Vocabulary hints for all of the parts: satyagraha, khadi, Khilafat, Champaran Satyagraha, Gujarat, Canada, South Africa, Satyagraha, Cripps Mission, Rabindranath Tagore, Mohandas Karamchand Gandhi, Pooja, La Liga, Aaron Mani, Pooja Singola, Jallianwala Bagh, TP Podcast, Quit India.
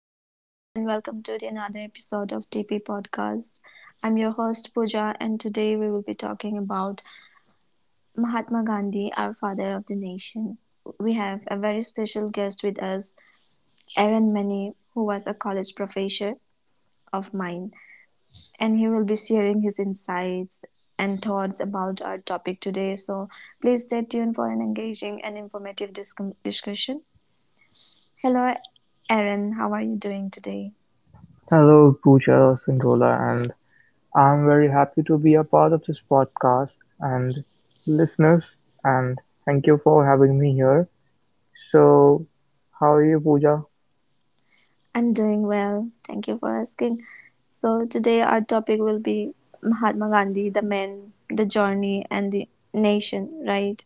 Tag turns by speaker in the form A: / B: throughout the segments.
A: Hello, everyone, and welcome to the another episode of TP Podcast. I'm your host Pooja, and today we will be talking about Mahatma Gandhi, our father of the nation. We have a very special guest with us, Aaron Mani, who was a college professor of mine, and he will be sharing his insights and thoughts about our topic today. So please stay tuned for an engaging and informative discussion. Hello, Aaron, how are you doing today?
B: Hello, Pooja Singola, and I'm very happy to be a part of this podcast and listeners, and thank you for having me here. So, how are you, Pooja?
A: I'm doing well. Thank you for asking. So, today our topic will be Mahatma Gandhi, the man, the journey, and the nation, right?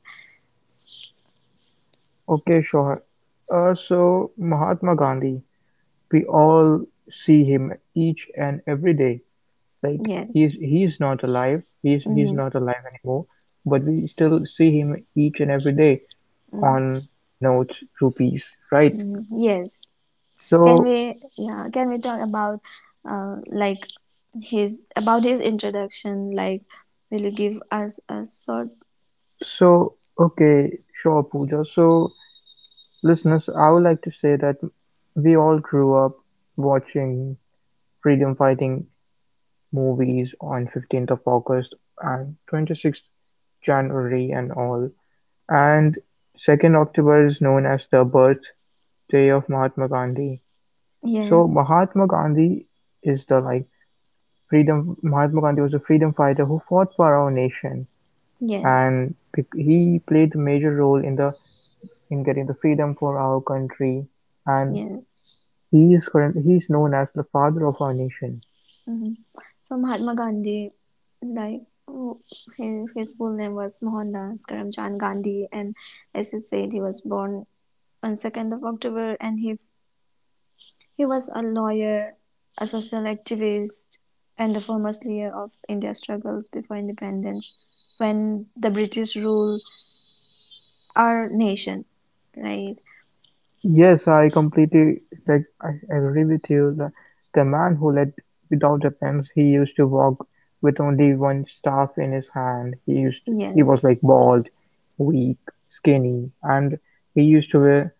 B: Okay, sure. Mahatma Gandhi, we all see him each and every day. Like
A: Yes.
B: he's not alive. He's
A: Mm-hmm.
B: not alive anymore, but we still see him each and every day on notes, rupees, right?
A: Mm-hmm. Yes. Can
B: So
A: we, yeah, can we talk about, like his, about his introduction? Like, will you give us a short,
B: So, okay, sure, Pooja. So, listeners, I would like to say that we all grew up watching freedom fighting movies on 15th of August and 26th January and all. And 2nd October is known as the birthday of Mahatma Gandhi. So,
A: yes,
B: Mahatma Gandhi is Mahatma Gandhi was a freedom fighter who fought for our nation
A: yes,
B: and he played a major role in the in getting the freedom for our country and
A: yes.
B: he is known as the father of our nation.
A: Mhm. So Mahatma Gandhi, like who- his full name was Mohandas Karamchand Gandhi, and as you said, he was born on 2nd of October, and he was a lawyer, a social activist, and the foremost leader of India's struggles before independence, when the British ruled our nation, right?
B: Yes, I completely I agree with you. The man who led without weapons, he used to walk with only one staff in his hand. He was
A: Yes,
B: like bald, weak, skinny, and he used to wear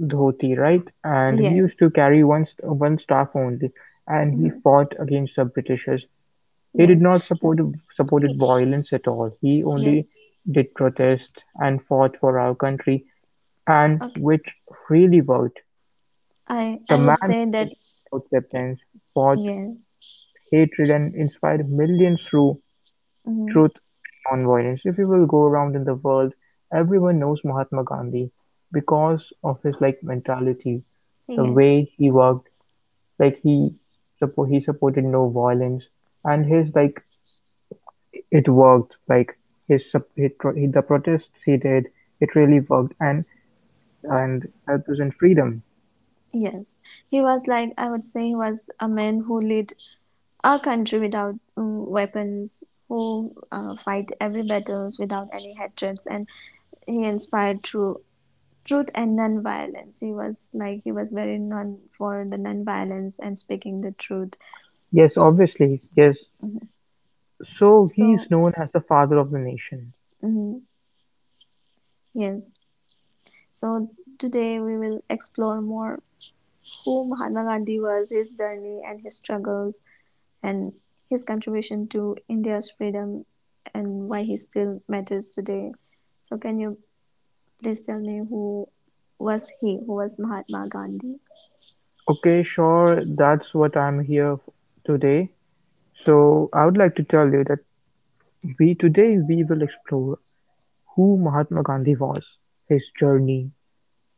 B: dhoti, right? And he
A: yes,
B: used to carry one staff only, and he
A: mhm,
B: fought against the Britishers. He did
A: yes.
B: not support
A: He-
B: supported violence at all, he
A: yes.
B: only did protest and fought for our country and
A: Okay,
B: which really worked.
A: I
B: The
A: I would
B: man
A: say
B: who
A: that
B: led without weapons, fought
A: yes.
B: without hatred and inspired millions through
A: Mm-hmm.
B: truth and nonviolence. If you will go around in the world, everyone knows Mahatma Gandhi because of his mentality, the
A: Yes,
B: way he worked, like he supported no violence and his like it worked, like his sup- he tro- he, the protests he did, it really worked and helped us in freedom.
A: yes. He was like, I would say, he was a man who led our country without weapons, who fight every battles without any hatreds, and he inspired through truth and non-violence. He was like, he was very non for the non-violence and speaking the truth.
B: Yes, obviously, yes.
A: Mhm.
B: So
A: So,
B: he's known as the father of the nation.
A: mhm, yes. So today we will explore more who Mahatma Gandhi was, his journey and his struggles, and his contribution to India's freedom and why he still matters today. So, can you please tell me who was he? Who was Mahatma Gandhi?
B: Okay, sure, that's what I'm here today. So I would like to tell you that we today we will explore who Mahatma Gandhi was, his journey,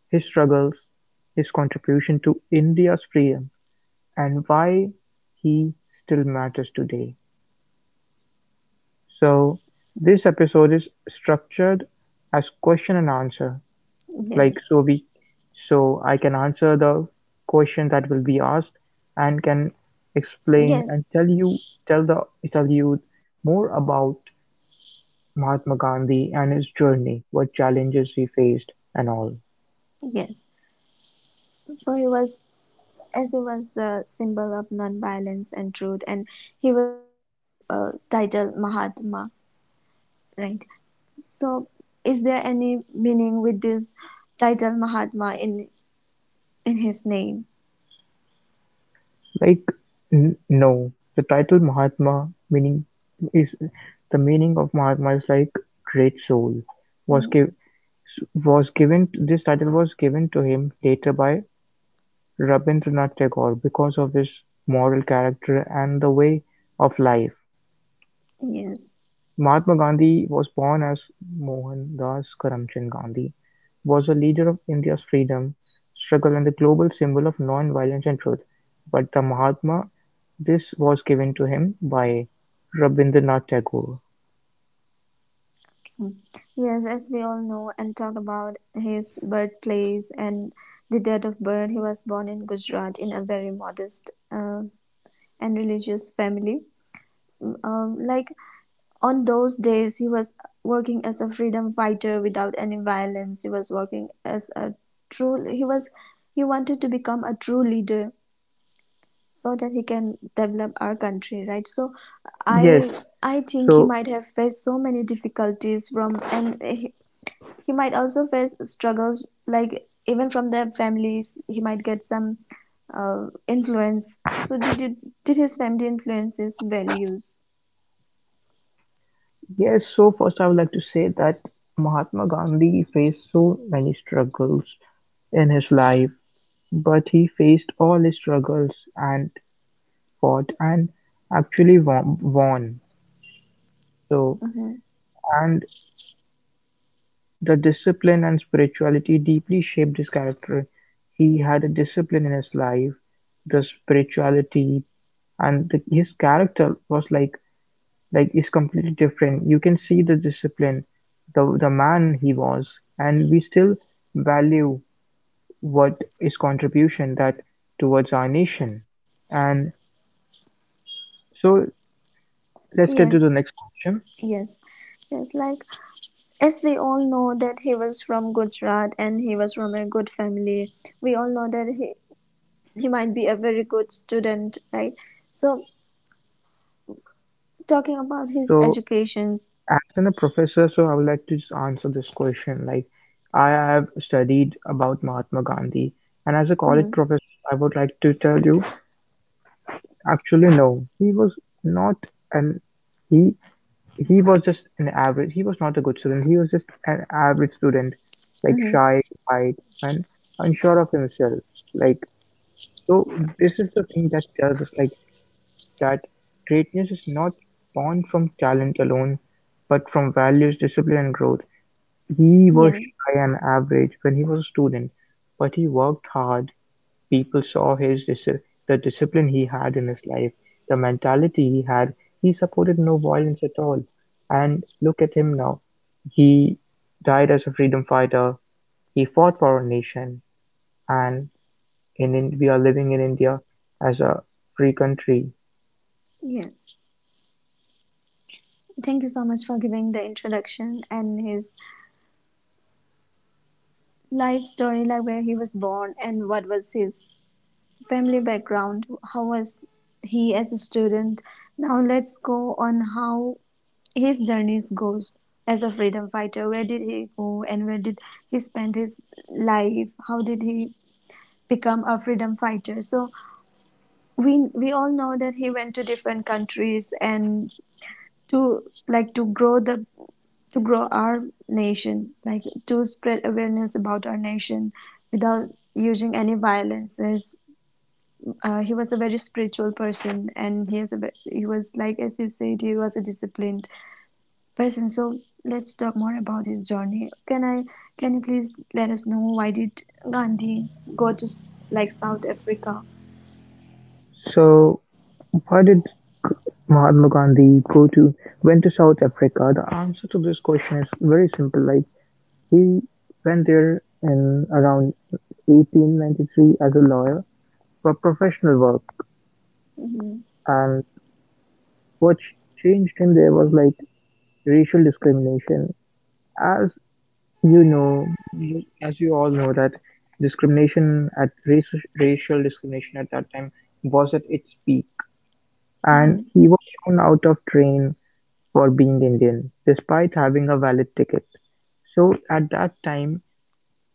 B: his struggles, his contribution to India's freedom, and why he still matters today. So, this episode is structured as question and answer. Like
A: Yes,
B: so we so I can answer the question that will be asked and can explain
A: yes,
B: and tell you tell the tell you more about Mahatma Gandhi and his journey, what challenges he faced and all.
A: yes. So he was, as he was the symbol of non-violence and truth, and he was given the title Mahatma, right? So, is there any meaning with this title Mahatma in his name?
B: Like no, is the meaning of Mahatma is like great soul was
A: Mm,
B: give, Was given This title was given to him later by Rabindranath Tagore because of his moral character and the way of life.
A: yes.
B: Mahatma Gandhi was born as Mohandas Karamchand Gandhi, was a leader of India's freedom struggle and the global symbol of non-violence and truth. But the Mahatma, this was given to him by Rabindranath Tagore.
A: Mm. Yes, as we all know and talk about his birthplace and the date of birth, he was born in Gujarat in a very modest and religious family. Mm, um, like on those days, he was working as a freedom fighter without any violence. He was working as a true. He was he wanted to become a true leader so that he can develop our country, right? So
B: Yes,
A: I I think he
B: so
A: might have faced so many difficulties from, and he might also face struggles like even from their families he might get some uh, influence. So did you, did his family influence his values?
B: Yes, so first I would like to say that Mahatma Gandhi faced so many struggles in his life, but he faced all his struggles and fought and actually won. So,
A: Mm-hmm.
B: and the discipline and spirituality deeply shaped his character. He had a discipline in his life, the spirituality, and his character was is completely different. You can see the discipline, the man he was, and we still value what his contribution that towards our nation. And so let's get to the
A: Yes,
B: next question.
A: yes, yes, like as we all know that he was from Gujarat and he was from a good family, we all know that he might be a very good student, right? So talking about his
B: So
A: educations.
B: as in a professor, so I would like to just answer this question. Like I have studied about Mahatma Gandhi, and as a college
A: Mm-hmm.
B: professor, I would like to tell you actually no, not an he he was just an average he was not a good student, he was just an average student, like
A: Mm-hmm.
B: shy, quiet, and unsure of himself. Like, so this is the thing that tells us that greatness is not born from talent alone, but from values, discipline, and growth. He was
A: Yeah.
B: shy and average when he was a student, but he worked hard. People saw his the discipline he had in his life, the mentality he had. He supported no violence at all. And look at him now. He died as a freedom fighter. He fought for our nation, and in we are living in India as a free country.
A: Yes, thank you so much for giving the introduction and his life story, like where he was born and what was his family background, how was he as a student. Now let's go on how his journeys goes as a freedom fighter. Where did he go and where did he spend his life? How did he become a freedom fighter? So we all know that he went to different countries and to like to grow the to grow our nation, like to spread awareness about our nation without using any violence. As, uh, he was a very spiritual person, and he is a he was like as you said, he was a disciplined person. So let's talk more about his journey. Can I? Can you please let us know why did Gandhi go to like South Africa?
B: So, why did Mahatma Gandhi go to went to South Africa? The answer to this question is very simple. Like he went there in around 1893 as a lawyer, for professional work.
A: Hmm.
B: And what changed him there was like racial discrimination. As you know, as you all know, that discrimination at race, racial discrimination at that time was at its peak, and
A: Hmm.
B: he was thrown out of train for being Indian, despite having a valid ticket. So at that time,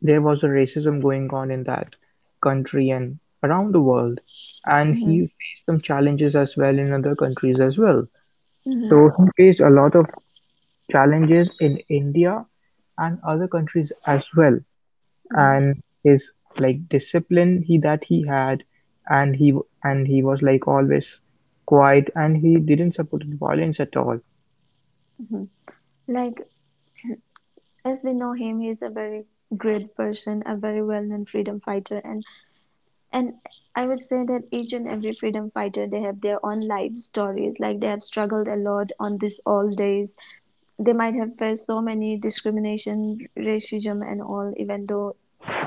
B: there was a racism going on in that country and around the world, and
A: Hmm.
B: he faced some challenges as well in other countries as well. So he faced a lot of challenges in India and other countries as well
A: Hmm.
B: and his like discipline he that he had and he and he was like always quiet and he didn't support violence at all.
A: Hmm. Like as we know him, he is a very great person, a very well-known freedom fighter, and I would say that each and every freedom fighter they have their own life stories, like they have struggled a lot on this all days. They might have faced so many discrimination, racism and all, even though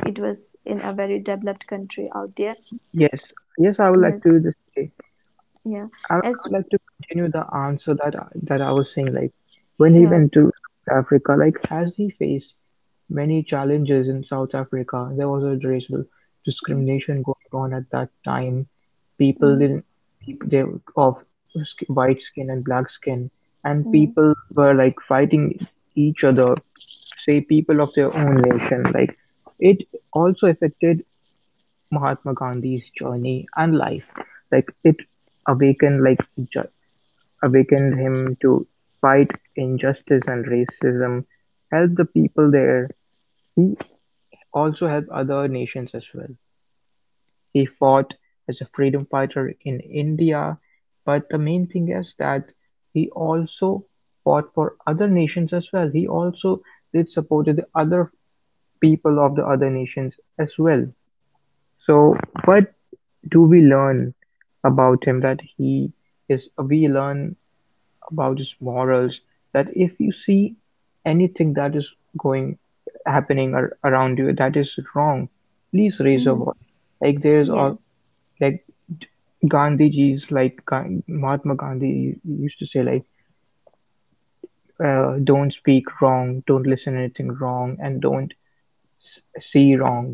A: it was in a very developed country out there.
B: Yes, yes, I would like
A: Yes,
B: to just say
A: yeah,
B: I
A: as,
B: would like to continue the answer that I was saying. Like when he
A: yeah,
B: went to South Africa, like has he faced many challenges in South Africa? There was a racial
A: mm-hmm,
B: discrimination going on at that time. People
A: mm-hmm,
B: didn't people they of sk- white skin and black skin, and
A: mm-hmm,
B: people were like fighting each other, say people of their own nation. Like it also affected Mahatma Gandhi's journey and life, like it awakened ju- awakened him to fight injustice and racism, help the people there. He also helped other nations as well. He fought as a freedom fighter in India, but the main thing is that he also fought for other nations as well. He also did support the other people of the other nations as well. So what do we learn about him that he is we learn about his morals that if you see anything that is going happening around you that is wrong, please raise your
A: mm-hmm.
B: voice like there's all
A: Yes,
B: like Gandhiji's like Gan- Mahatma Gandhi used to say like don't speak wrong, don't listen anything wrong, and don't s- see wrong.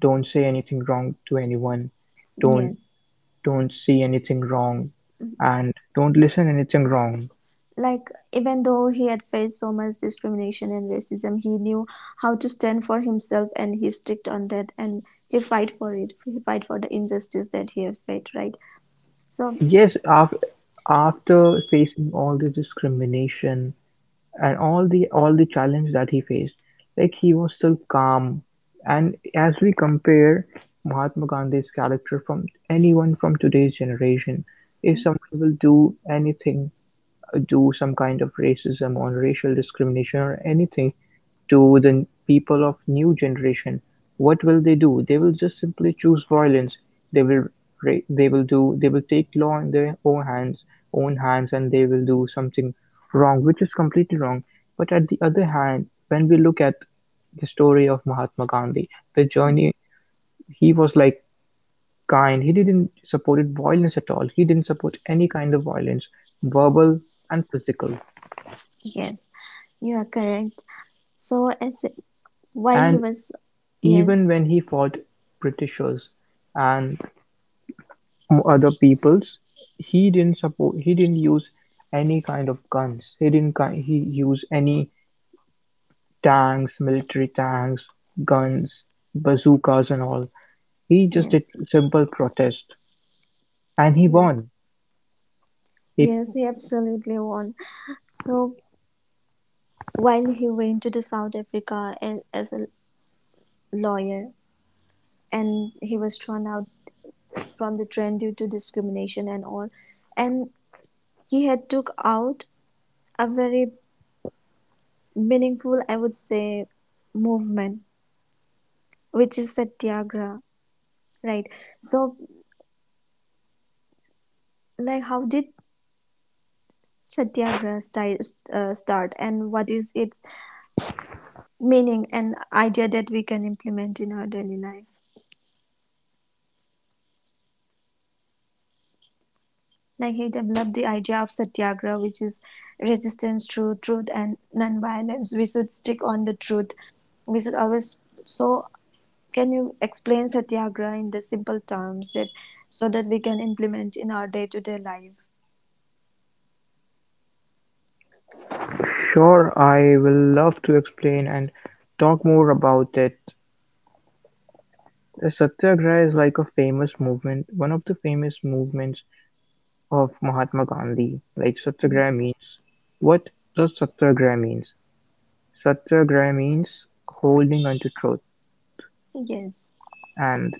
B: Don't say anything wrong to anyone. Don't
A: yes,
B: don't see anything wrong and don't listen anything wrong.
A: like even though he had faced so much discrimination and racism, he knew how to stand for himself and he sticked on that, and he fight for it, he fight for the injustice that he have faced, right? So
B: Yes, after facing all the discrimination and all the challenge that he faced, like he was still calm. And as we compare Mahatma Gandhi's character from anyone from today's generation, if someone will do anything, do some kind of racism or racial discrimination or anything to the people of new generation, what will they do? They will just simply choose violence. they will they will take law in their own hands and they will do something wrong, which is completely wrong. But at the other hand, when we look at the story of Mahatma Gandhi, the journey, he was like kind. He didn't supported violence at all. He didn't support any kind of violence, verbal and physical.
A: yes, you are correct. So as while he
B: And
A: was, yes,
B: even when he fought Britishers and other peoples, he didn't use any kind of guns. He didn't ki- he use any tanks, military tanks, guns, bazookas and all. He just did
A: yes,
B: simple protest and he
A: yes,
B: won. He,
A: yes, he absolutely won. So while he went to the South Africa as a lawyer, and he was thrown out from the train due to discrimination and all, and he had took out a very meaningful, I would say, movement, which is satyagraha, right? So, like, how did satyagraha start, and what is its meaning and idea that we can implement in our daily life? Like, he developed the idea of satyagraha, which is resistance to truth and non-violence. We should stick on the truth. We should always so can you explain satyagraha in the simple terms that so that we can implement in our day-to-day life?
B: sure, I will love to explain and talk more about it. The Satyagraha is like a famous movement, one of the famous movements of Mahatma Gandhi, like satyagraha means what does satyagraha means? Satyagraha means holding onto truth
A: Yes.
B: and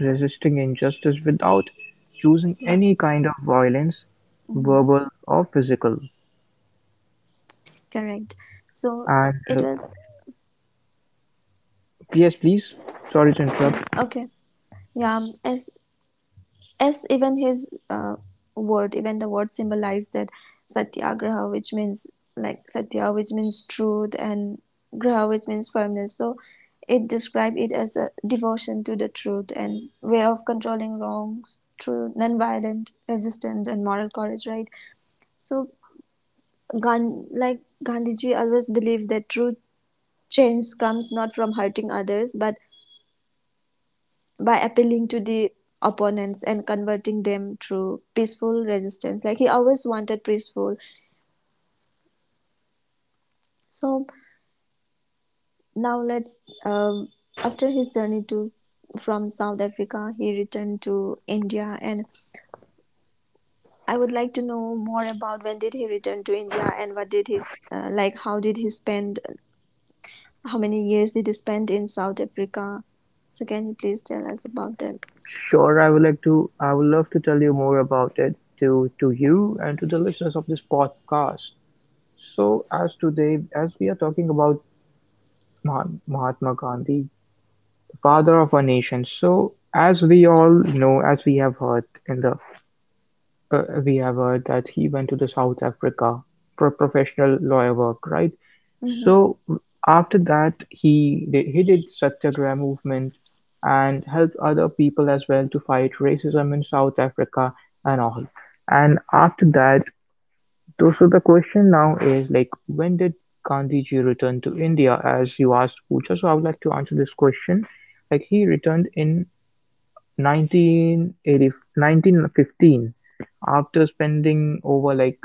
B: resisting injustice without choosing
A: Wa-
B: any kind of violence,
A: mhm,
B: verbal or physical.
A: correct. So
B: And
A: it was
B: yes, please. Sorry to interrupt.
A: yes. Okay. Yeah. As even his word, even the word symbolized that satyagraha, which means like satya, which means truth, and graha, which means firmness. So it described it as a devotion to the truth and way of controlling wrongs through non-violent resistance and moral courage, right? So, like Gandhiji always believed that true change comes not from hurting others but by appealing to the opponents and converting them through peaceful resistance. Like he always wanted peaceful. So now let's um, after his journey to from South Africa, he returned to India, and I would like to know more about when did he return to India and what did his like how did he spend how many years did he spend in South Africa? So can you please tell us about that?
B: Sure, I would like to. I would love to tell you more about it to you and to the listeners of this podcast. So, as today, as we are talking about Mahatma Gandhi, father of our nation. So, as we all know, as we have heard in the we have heard that he went to the South Africa for professional lawyer work, right?
A: Mm-hmm.
B: So after that, he did Satyagraha movement and helped other people as well to fight racism in South Africa and all. And after that, so the question now is like, when did Gandhiji return to India? As you asked, Pooja, so I would like to answer this question. Like he returned in 1980 1915 after spending over like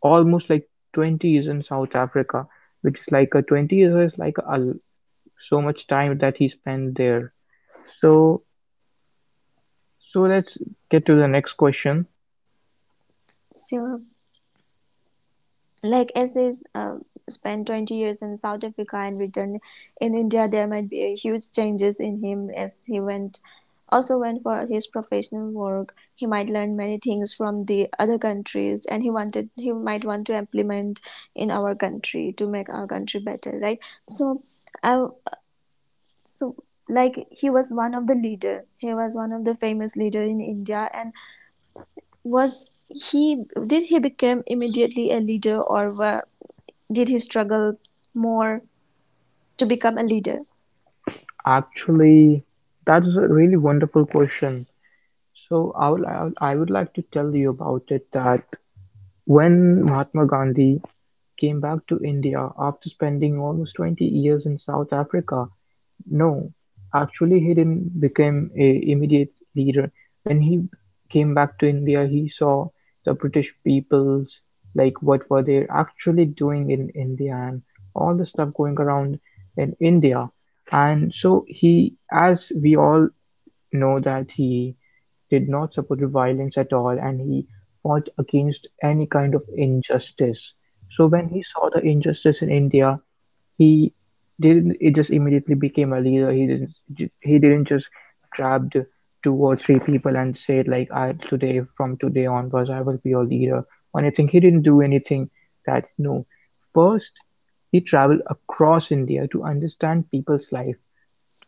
B: almost like 20 years in South Africa, which is like a 20 years is like so much time that he spent there. So so let's get to the next question.
A: Sure. Like as is spent 20 years in South Africa and returned in India, there might be a huge changes in him as he went also went for his professional work. He might learn many things from the other countries and he wanted he might want to implement in our country to make our country better, right? So I, so like he was one of the leader, he was one of the famous leader in India, and was he, did he become immediately a leader, or wa did he struggle more to become a leader?
B: Actually, that is a really wonderful question. So I would like to tell you about it that when Mahatma Gandhi came back to India after spending almost 20 years in South Africa, no, actually he didn't become a immediate leader. When he came back to India, he saw the British peoples, like what were they actually doing in India and all the stuff going around in India. And so he, as we all know that he did not support violence at all and he fought against any kind of injustice. So when he saw the injustice in India, he didn't it just immediately became a leader. He didn't just grabbed two or three people and said, like, I today, from today onwards I will be your leader or anything. He didn't do anything that, no. First he traveled across India to understand people's life,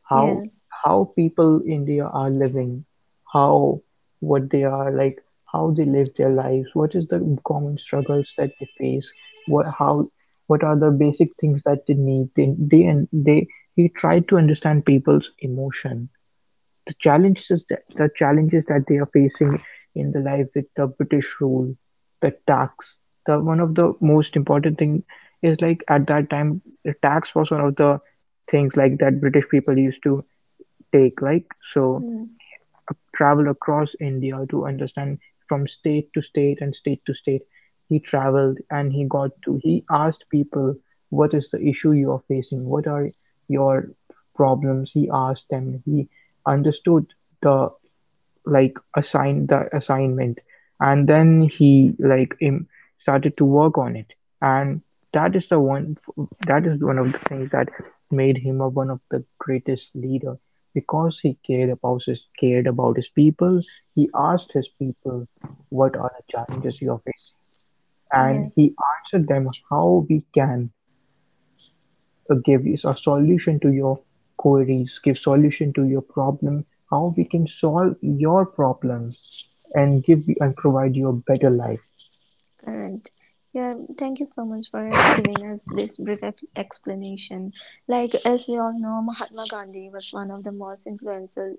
B: how
A: Yes.
B: how people in India are living, how what they are like, how they live their lives, what is the common struggles that they face, what how what are the basic things that they need. They he tried to understand people's emotion, the challenges that they are facing in the life with the British rule, the tax. The one of the most important thing is like at that time the tax was one of the things like that British people used to Take-like, so
A: Mm,
B: he traveled across India to understand from state to state and state to state. He traveled and he asked people, what is the issue you are facing? What are your problems? He asked them. He understood the, like assigned the assignment, and then he like started to work on it. And that is the one that is one of the things that made him a, one of the greatest leader, because he cared about his people. He asked his people, what are the challenges you are facing? And
A: yes.
B: he answered them, how we can give us a solution to your queries, give solution to your problem, how we can solve your problems and give you and provide you a better life.
A: Correct. Yeah. Thank you so much for giving us this brief explanation. Like as we all know, Mahatma Gandhi was one of the most influential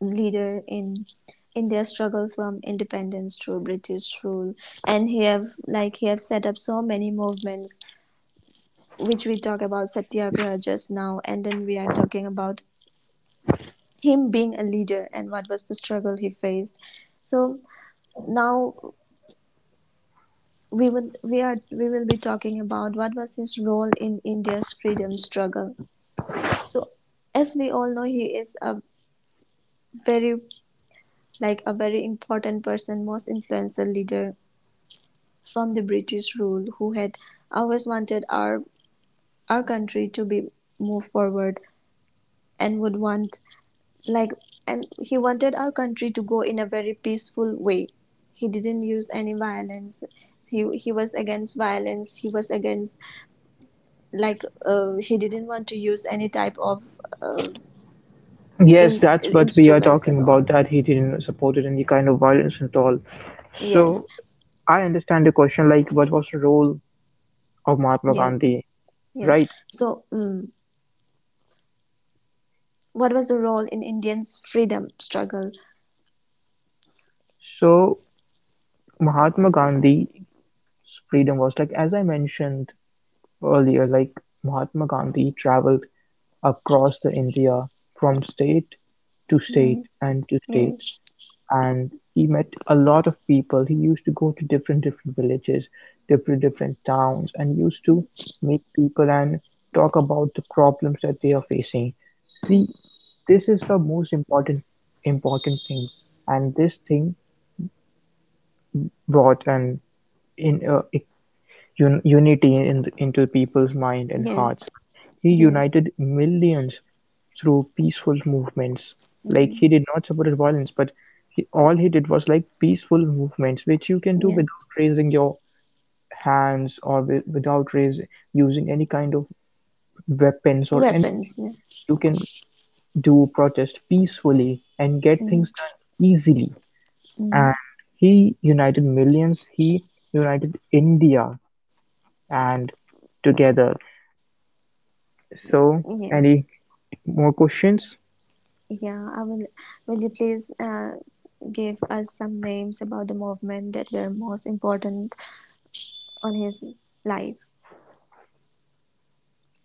A: leader in their struggle from independence through British rule, and he have like he have set up so many movements which we talk about Satyagraha just now, and then we are talking about him being a leader and what was the struggle he faced. So now we will we are we will be talking about what was his role in India's freedom struggle. So as we all know, he is a very like a very important person, most influential leader from the British rule who had always wanted our country to be move forward and would want like and he wanted our country to go in a very peaceful way. He didn't use any violence. He was against violence, he was against like he didn't want to use any type of uh,
B: Yes,
A: in
B: that's what we are
A: instruments
B: talking
A: and
B: about,
A: all.
B: that he didn't support it any kind of violence at all.
A: Yes,
B: So I understand the question, like, what was the role of Mahatma
A: yes,
B: Gandhi,
A: yes,
B: right?
A: so mm, what was the role in Indians freedom struggle.
B: So Mahatma Gandhi's freedom was like, as I mentioned earlier, like Mahatma Gandhi traveled across the India from state to
A: Hmm,
B: state and to state,
A: yes,
B: and he met a lot of people. He used to go to different different villages, different different towns, and used to meet people and talk about the problems that they are facing. See, this is the most important thing, and this thing brought an in uh, unity in into people's mind and hearts.
A: yes,
B: Like, he
A: yes.
B: united millions through peaceful movements. Like,
A: Hmm.
B: he did not support violence, but he, all he did was like peaceful movements, which you can do
A: Yes.
B: without raising your hands or without using any kind of weapons or anything.
A: Weapons, yeah.
B: You can do protest peacefully and get things
A: Hmm.
B: done easily.
A: Hmm.
B: And he united millions. He united India and together. So,
A: Yes.
B: any more questions?
A: Yeah, I will. Will you please give us some names about the movement that were most important on his life,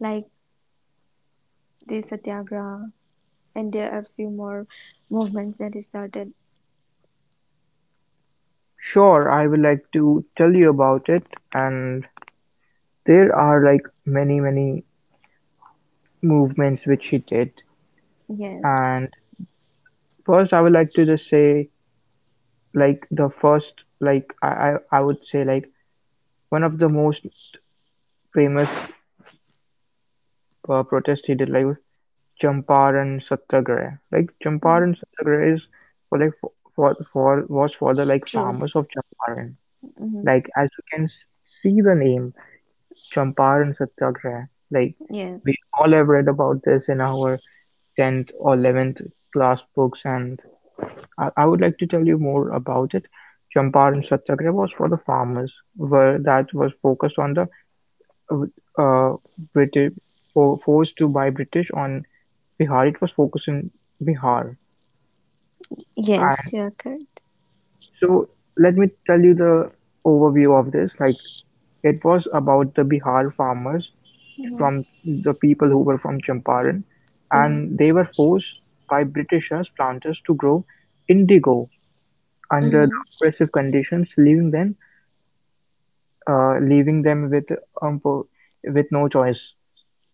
A: like the Satyagraha, and there are a few more movements that he started.
B: Sure, I would like to tell you about it. And there are like many, many movements which she did.
A: Yes,
B: And first, I would like to just say, like, the first, like, I would say, like, one of the most famous protest he did, like, was Champaran Satyagraha. Like,
A: mhm,
B: Champaran Satyagraha is for like for was for the like farmers
A: truth.
B: of Champaran.
A: Hmm.
B: Like as you can see the name, Champaran Satyagraha, like
A: Yes,
B: we all have read about this in our 10th or 11th class books, and I would like to tell you more about it. Champaran Satyagraha was for the farmers, where that was focused on the uh, British forced to buy British on Bihar. It was focused in Bihar.
A: yes,
B: And
A: you are correct.
B: so let me tell you the overview of this. Like, it was about the Bihar farmers
A: Hmm.
B: from the people who were from Champaran,
A: Hmm.
B: and they were forced by Britishers planters to grow indigo under the
A: Hmm.
B: oppressive conditions, leaving them with um, po- with no choice.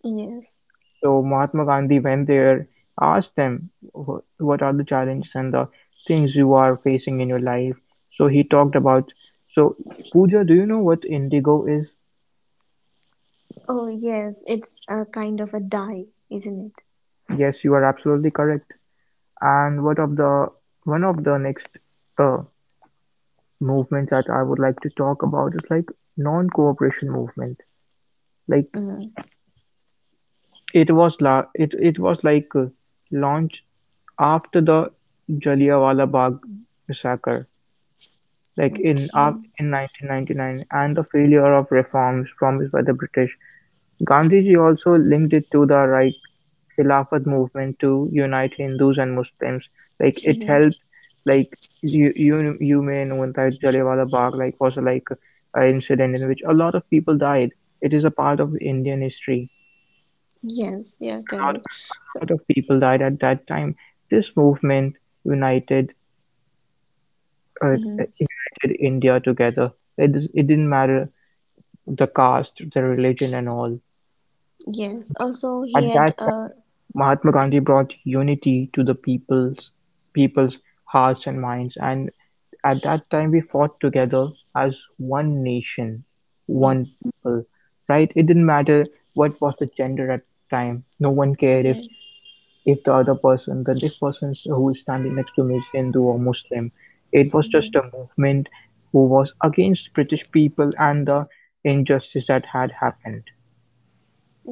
A: Yes.
B: So Mahatma Gandhi went there, asked them, "Wh- what are the challenges and the things you are facing in your life?" So he talked about. So, Pooja, do you know what indigo is?
A: Oh, yes. It's a kind of a dye, isn't it?
B: Yes, you are absolutely correct. And what of the one of the next uh, movements that I would like to talk about is like non-cooperation movement. Like,
A: Mm,
B: it was launched after the Jallianwala Bagh massacre, like in
A: okay.
B: "Act in 1999, and the failure of reforms promised by the British. Gandhiji also linked it to the Right Khilafat movement to unite Hindus and Muslims. Like, it
A: Hmm.
B: helped, like you you may know that Jallianwala Bagh like was like an incident in which a lot of people died. It is a part of Indian history.
A: Yes, you are correct.
B: A
A: So.
B: lot of people died at that time. This movement united uh,
A: Mhm.
B: united India together. It, it didn't matter the caste, the religion and all.
A: Yes.
B: We,
A: Also, he
B: at
A: had
B: that
A: a
B: time, Mahatma Gandhi brought unity to the people's hearts and minds, and at that time we fought together as one nation, one
A: yes,
B: people, right? It didn't matter what was the gender at time. No one cared if
A: yes,
B: he, if the other person, the if person who is standing next to me is Hindu or Muslim. It was just a movement who was against British people and the injustice that had happened.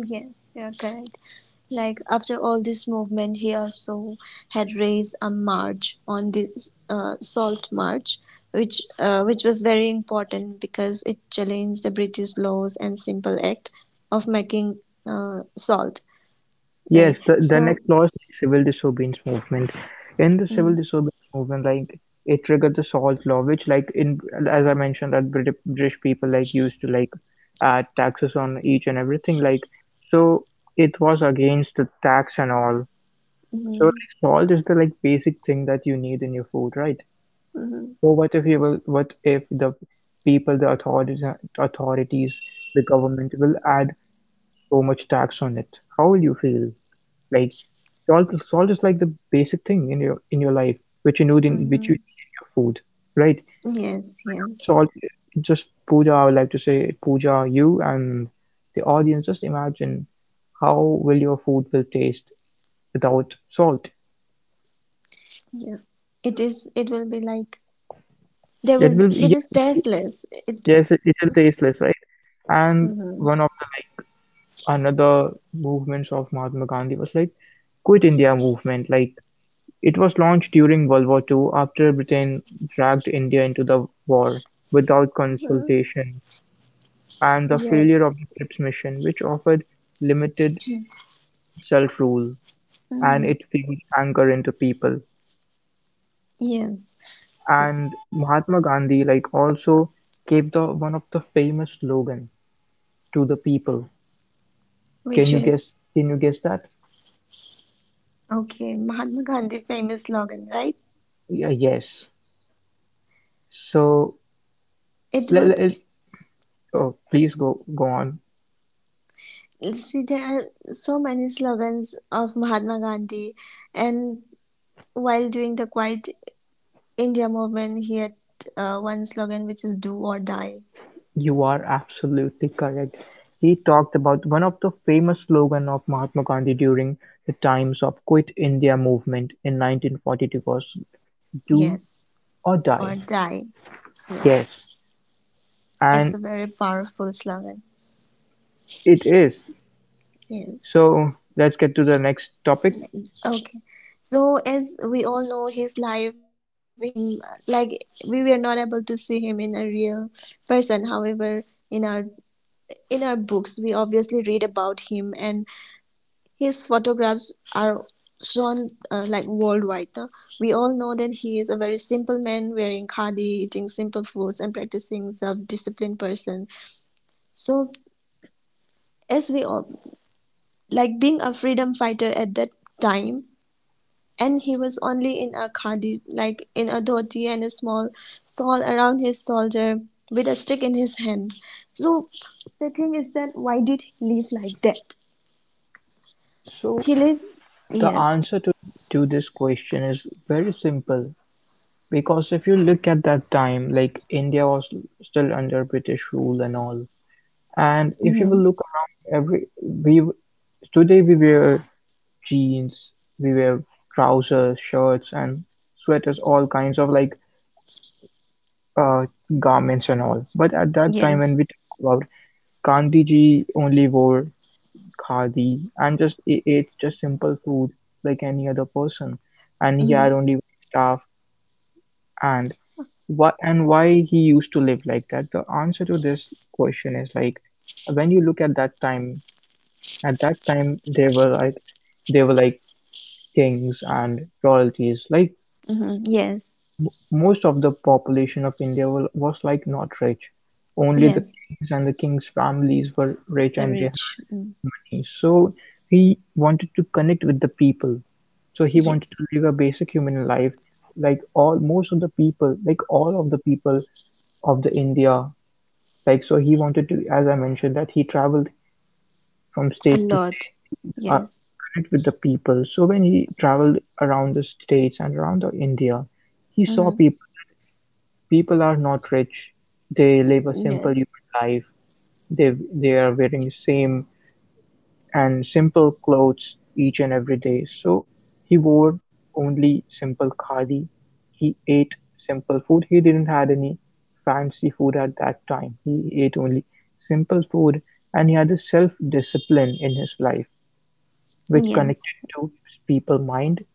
A: yes. You're correct. Like after all this movement, he also had raised a march on this salt march, which was very important because it challenged the British laws and simple act of making salt.
B: Yes,
A: Right.
B: the
A: So.
B: next law is like civil disobedience movement. In the civil
A: Mm,
B: disobedience movement, like it triggered the Salt Law, which, like in, as I mentioned that British people like used to like add taxes on each and everything. Like, so, it was against the tax and all. So,
A: mm,
B: like, salt is the like basic thing that you need in your food, right?
A: mm,
B: So what if you will? What if the people, the authorities, the government will add so much tax on it? How will you feel? Like, salt is like the basic thing in your life, which you need in
A: mm,
B: your food, right?
A: yes.
B: Without
A: Yes.
B: salt, it just, Puja, I would like to say, Puja, you and the audience, just imagine how will your food will taste without salt.
A: Yeah. It is. It will be like there
B: It
A: will be.
B: will,
A: It is
B: yes, it
A: tasteless. It
B: yes, it'll tasteless, right? And
A: mm-hmm.
B: one of the like another movements of Mahatma Gandhi was like Quit India movement. Like, it was launched during World War Two, after Britain dragged India into the war without consultation, and the failure
A: Yes.
B: of the Cripps Mission which offered limited self-rule, and
A: Mm.
B: it fueled anger into people.
A: Yes. Yeah.
B: And Mahatma Gandhi like also gave the one of the famous slogan to the people. Can
A: Which
B: you guess?
A: is
B: Can you guess that?
A: okay. Mahatma Gandhi famous slogan, right?
B: Yeah, yes. So
A: It
B: let,
A: would
B: let oh, please go on.
A: see there are so many slogans of Mahatma Gandhi, and while doing the Quiet India movement, he had one slogan which is "Do or Die."
B: You are absolutely correct. He talked about one of the famous slogans of Mahatma Gandhi during the times of Quit India movement in 1942 was do
A: Yes,
B: or
A: or
B: die.
A: die. Yeah,
B: Yes,
A: it's
B: and
A: a very powerful slogan.
B: it is.
A: Yes.
B: So let's get to the next topic.
A: Okay. So, as we all know his life, we have seen him like we were not able to see him in a real person. However, in our in our books, we obviously read about him, and his photographs are shown like worldwide. No? We all know that he is a very simple man, wearing khadi, eating simple foods, and practicing self-disciplined person. So, as we all like being a freedom fighter at that time, and he was only in a khadi, like in a dhoti and a small shawl around his shoulder with a stick in his hand. So the thing is that why did he live like that?
B: So
A: He lived,
B: the
A: yes,
B: answer to this question is very simple, because if you look at that time, like India was still under British rule and all. And if you will
A: hmm,
B: look around, every we today we wear jeans, we wear trousers, shirts, and sweaters, all kinds of like uh, garments and all. But at that time, when
A: yes,
B: we talk about Gandhi ji, only wore khadi and just ate just simple food like any other person, and he
A: hmm,
B: had only one staff. And what and why he used to live like that? The answer to this question is like, when you look at that time, at that time they were like, they were like kings and royalties. Like,
A: hmm,
B: so,
A: yes,
B: most of the population of India was like not rich. Only the
A: yes,
B: kings and the kings' families were rich
A: very
B: and they
A: rich,
B: had
A: mm,
B: money. So he wanted to connect with the people. So he wanted to
A: yes,
B: live a basic human life, like all most of the people, like all of the people of the India. Like so, he wanted to, as I mentioned, that he traveled from
A: a
B: state to
A: lot,
B: state to
A: yes,
B: connect with the people. So when he traveled around the states and around the India, he saw
A: hmm,
B: people that people are not rich. They live a simple
A: yes,
B: human life. They are wearing the same and simple clothes each and every day. So he wore only simple khadi. He ate simple food. He didn't had any fancy food at that time. He ate only simple food, and he had a self discipline in his life, which
A: yes,
B: connected to people's mind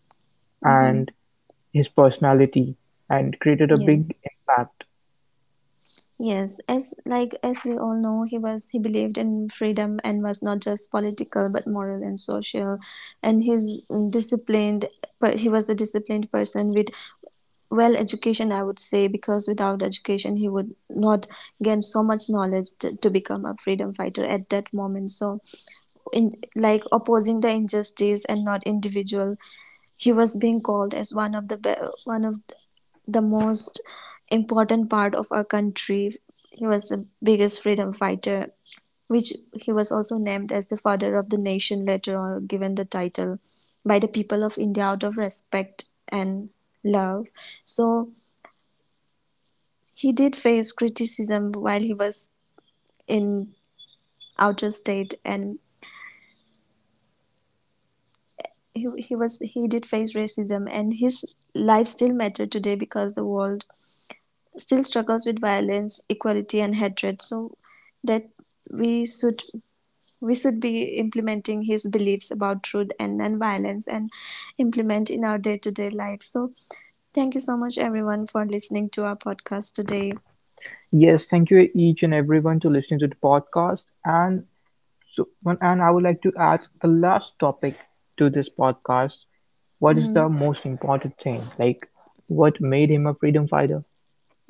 A: hmm,
B: and his personality, and created a big
A: yes.
B: impact.
A: Yes, as like as we all know, he was he believed in freedom and was not just political but moral and social. And he's disciplined. He was a disciplined person with well education, I would say, because without education, he would not gain so much knowledge to become a freedom fighter at that moment. So, in like opposing the injustice and not individual, he was being called as one of the one of the most important part of our country. He was the biggest freedom fighter, which he was also named as the father of the nation later on, given the title by the people of India out of respect and love. So he did face criticism while he was in outer state and he was he did face racism and his life still mattered today because the world still struggles with violence, equality, and hatred. So that we should we should be implementing his beliefs about truth and nonviolence and implement in our day-to-day life. So thank you so much everyone for listening to our podcast today.
B: Yes, thank you each and everyone to listening to the podcast. And so, and I would like to add the last topic to this podcast. What is the
A: Mhm.
B: most important thing? Like, what made him a freedom fighter?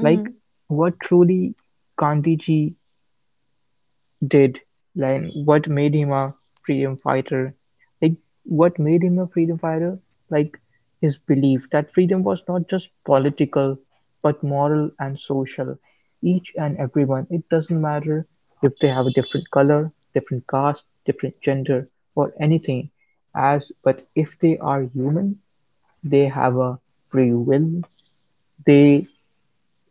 B: Like, what truly Gandhiji did, like what made him a freedom fighter. Like, what made him a freedom fighter? Like, his belief that freedom was not just political, but moral and social. Each and everyone, it doesn't matter if they have a different color, different caste, different gender, or anything, as but if they are human, they have a free will, they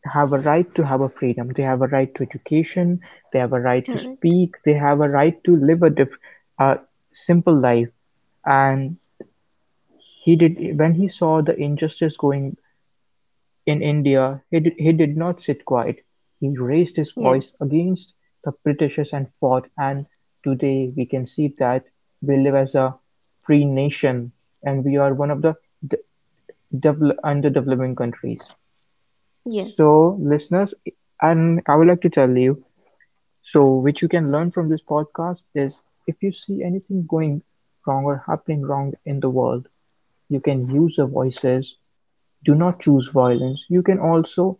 B: have a right to have a freedom. They have a right to education. They have a right to
A: Correct.
B: speak. They have a right to live a a simple life. And he did when he saw the injustice going in India, he did not sit quiet. He raised his voice
A: Yes.
B: against the Britishers and fought. And today we can see that we live as a free nation, and we are one of the d- underdeveloping countries.
A: Yes.
B: So, listeners, and I would like to tell you so, which you can learn from this podcast is, if you see anything going wrong or happening wrong in the world, you can use your voices. Do not choose violence. You can also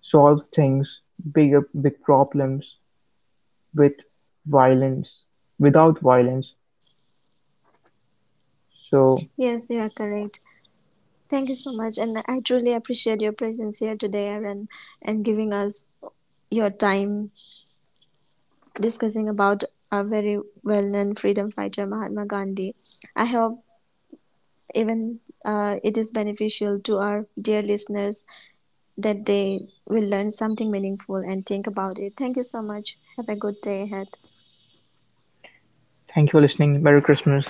B: solve things, bigger, big problems with violence, without violence. So,
A: Yes, you are correct. Thank you so much, and I truly appreciate your presence here today, Aaron, and giving us your time discussing about a very well-known freedom fighter, Mahatma Gandhi. I hope even it is beneficial to our dear listeners that they will learn something meaningful and think about it. Thank you so much. Have a good day ahead.
B: thank you for listening. Merry Christmas.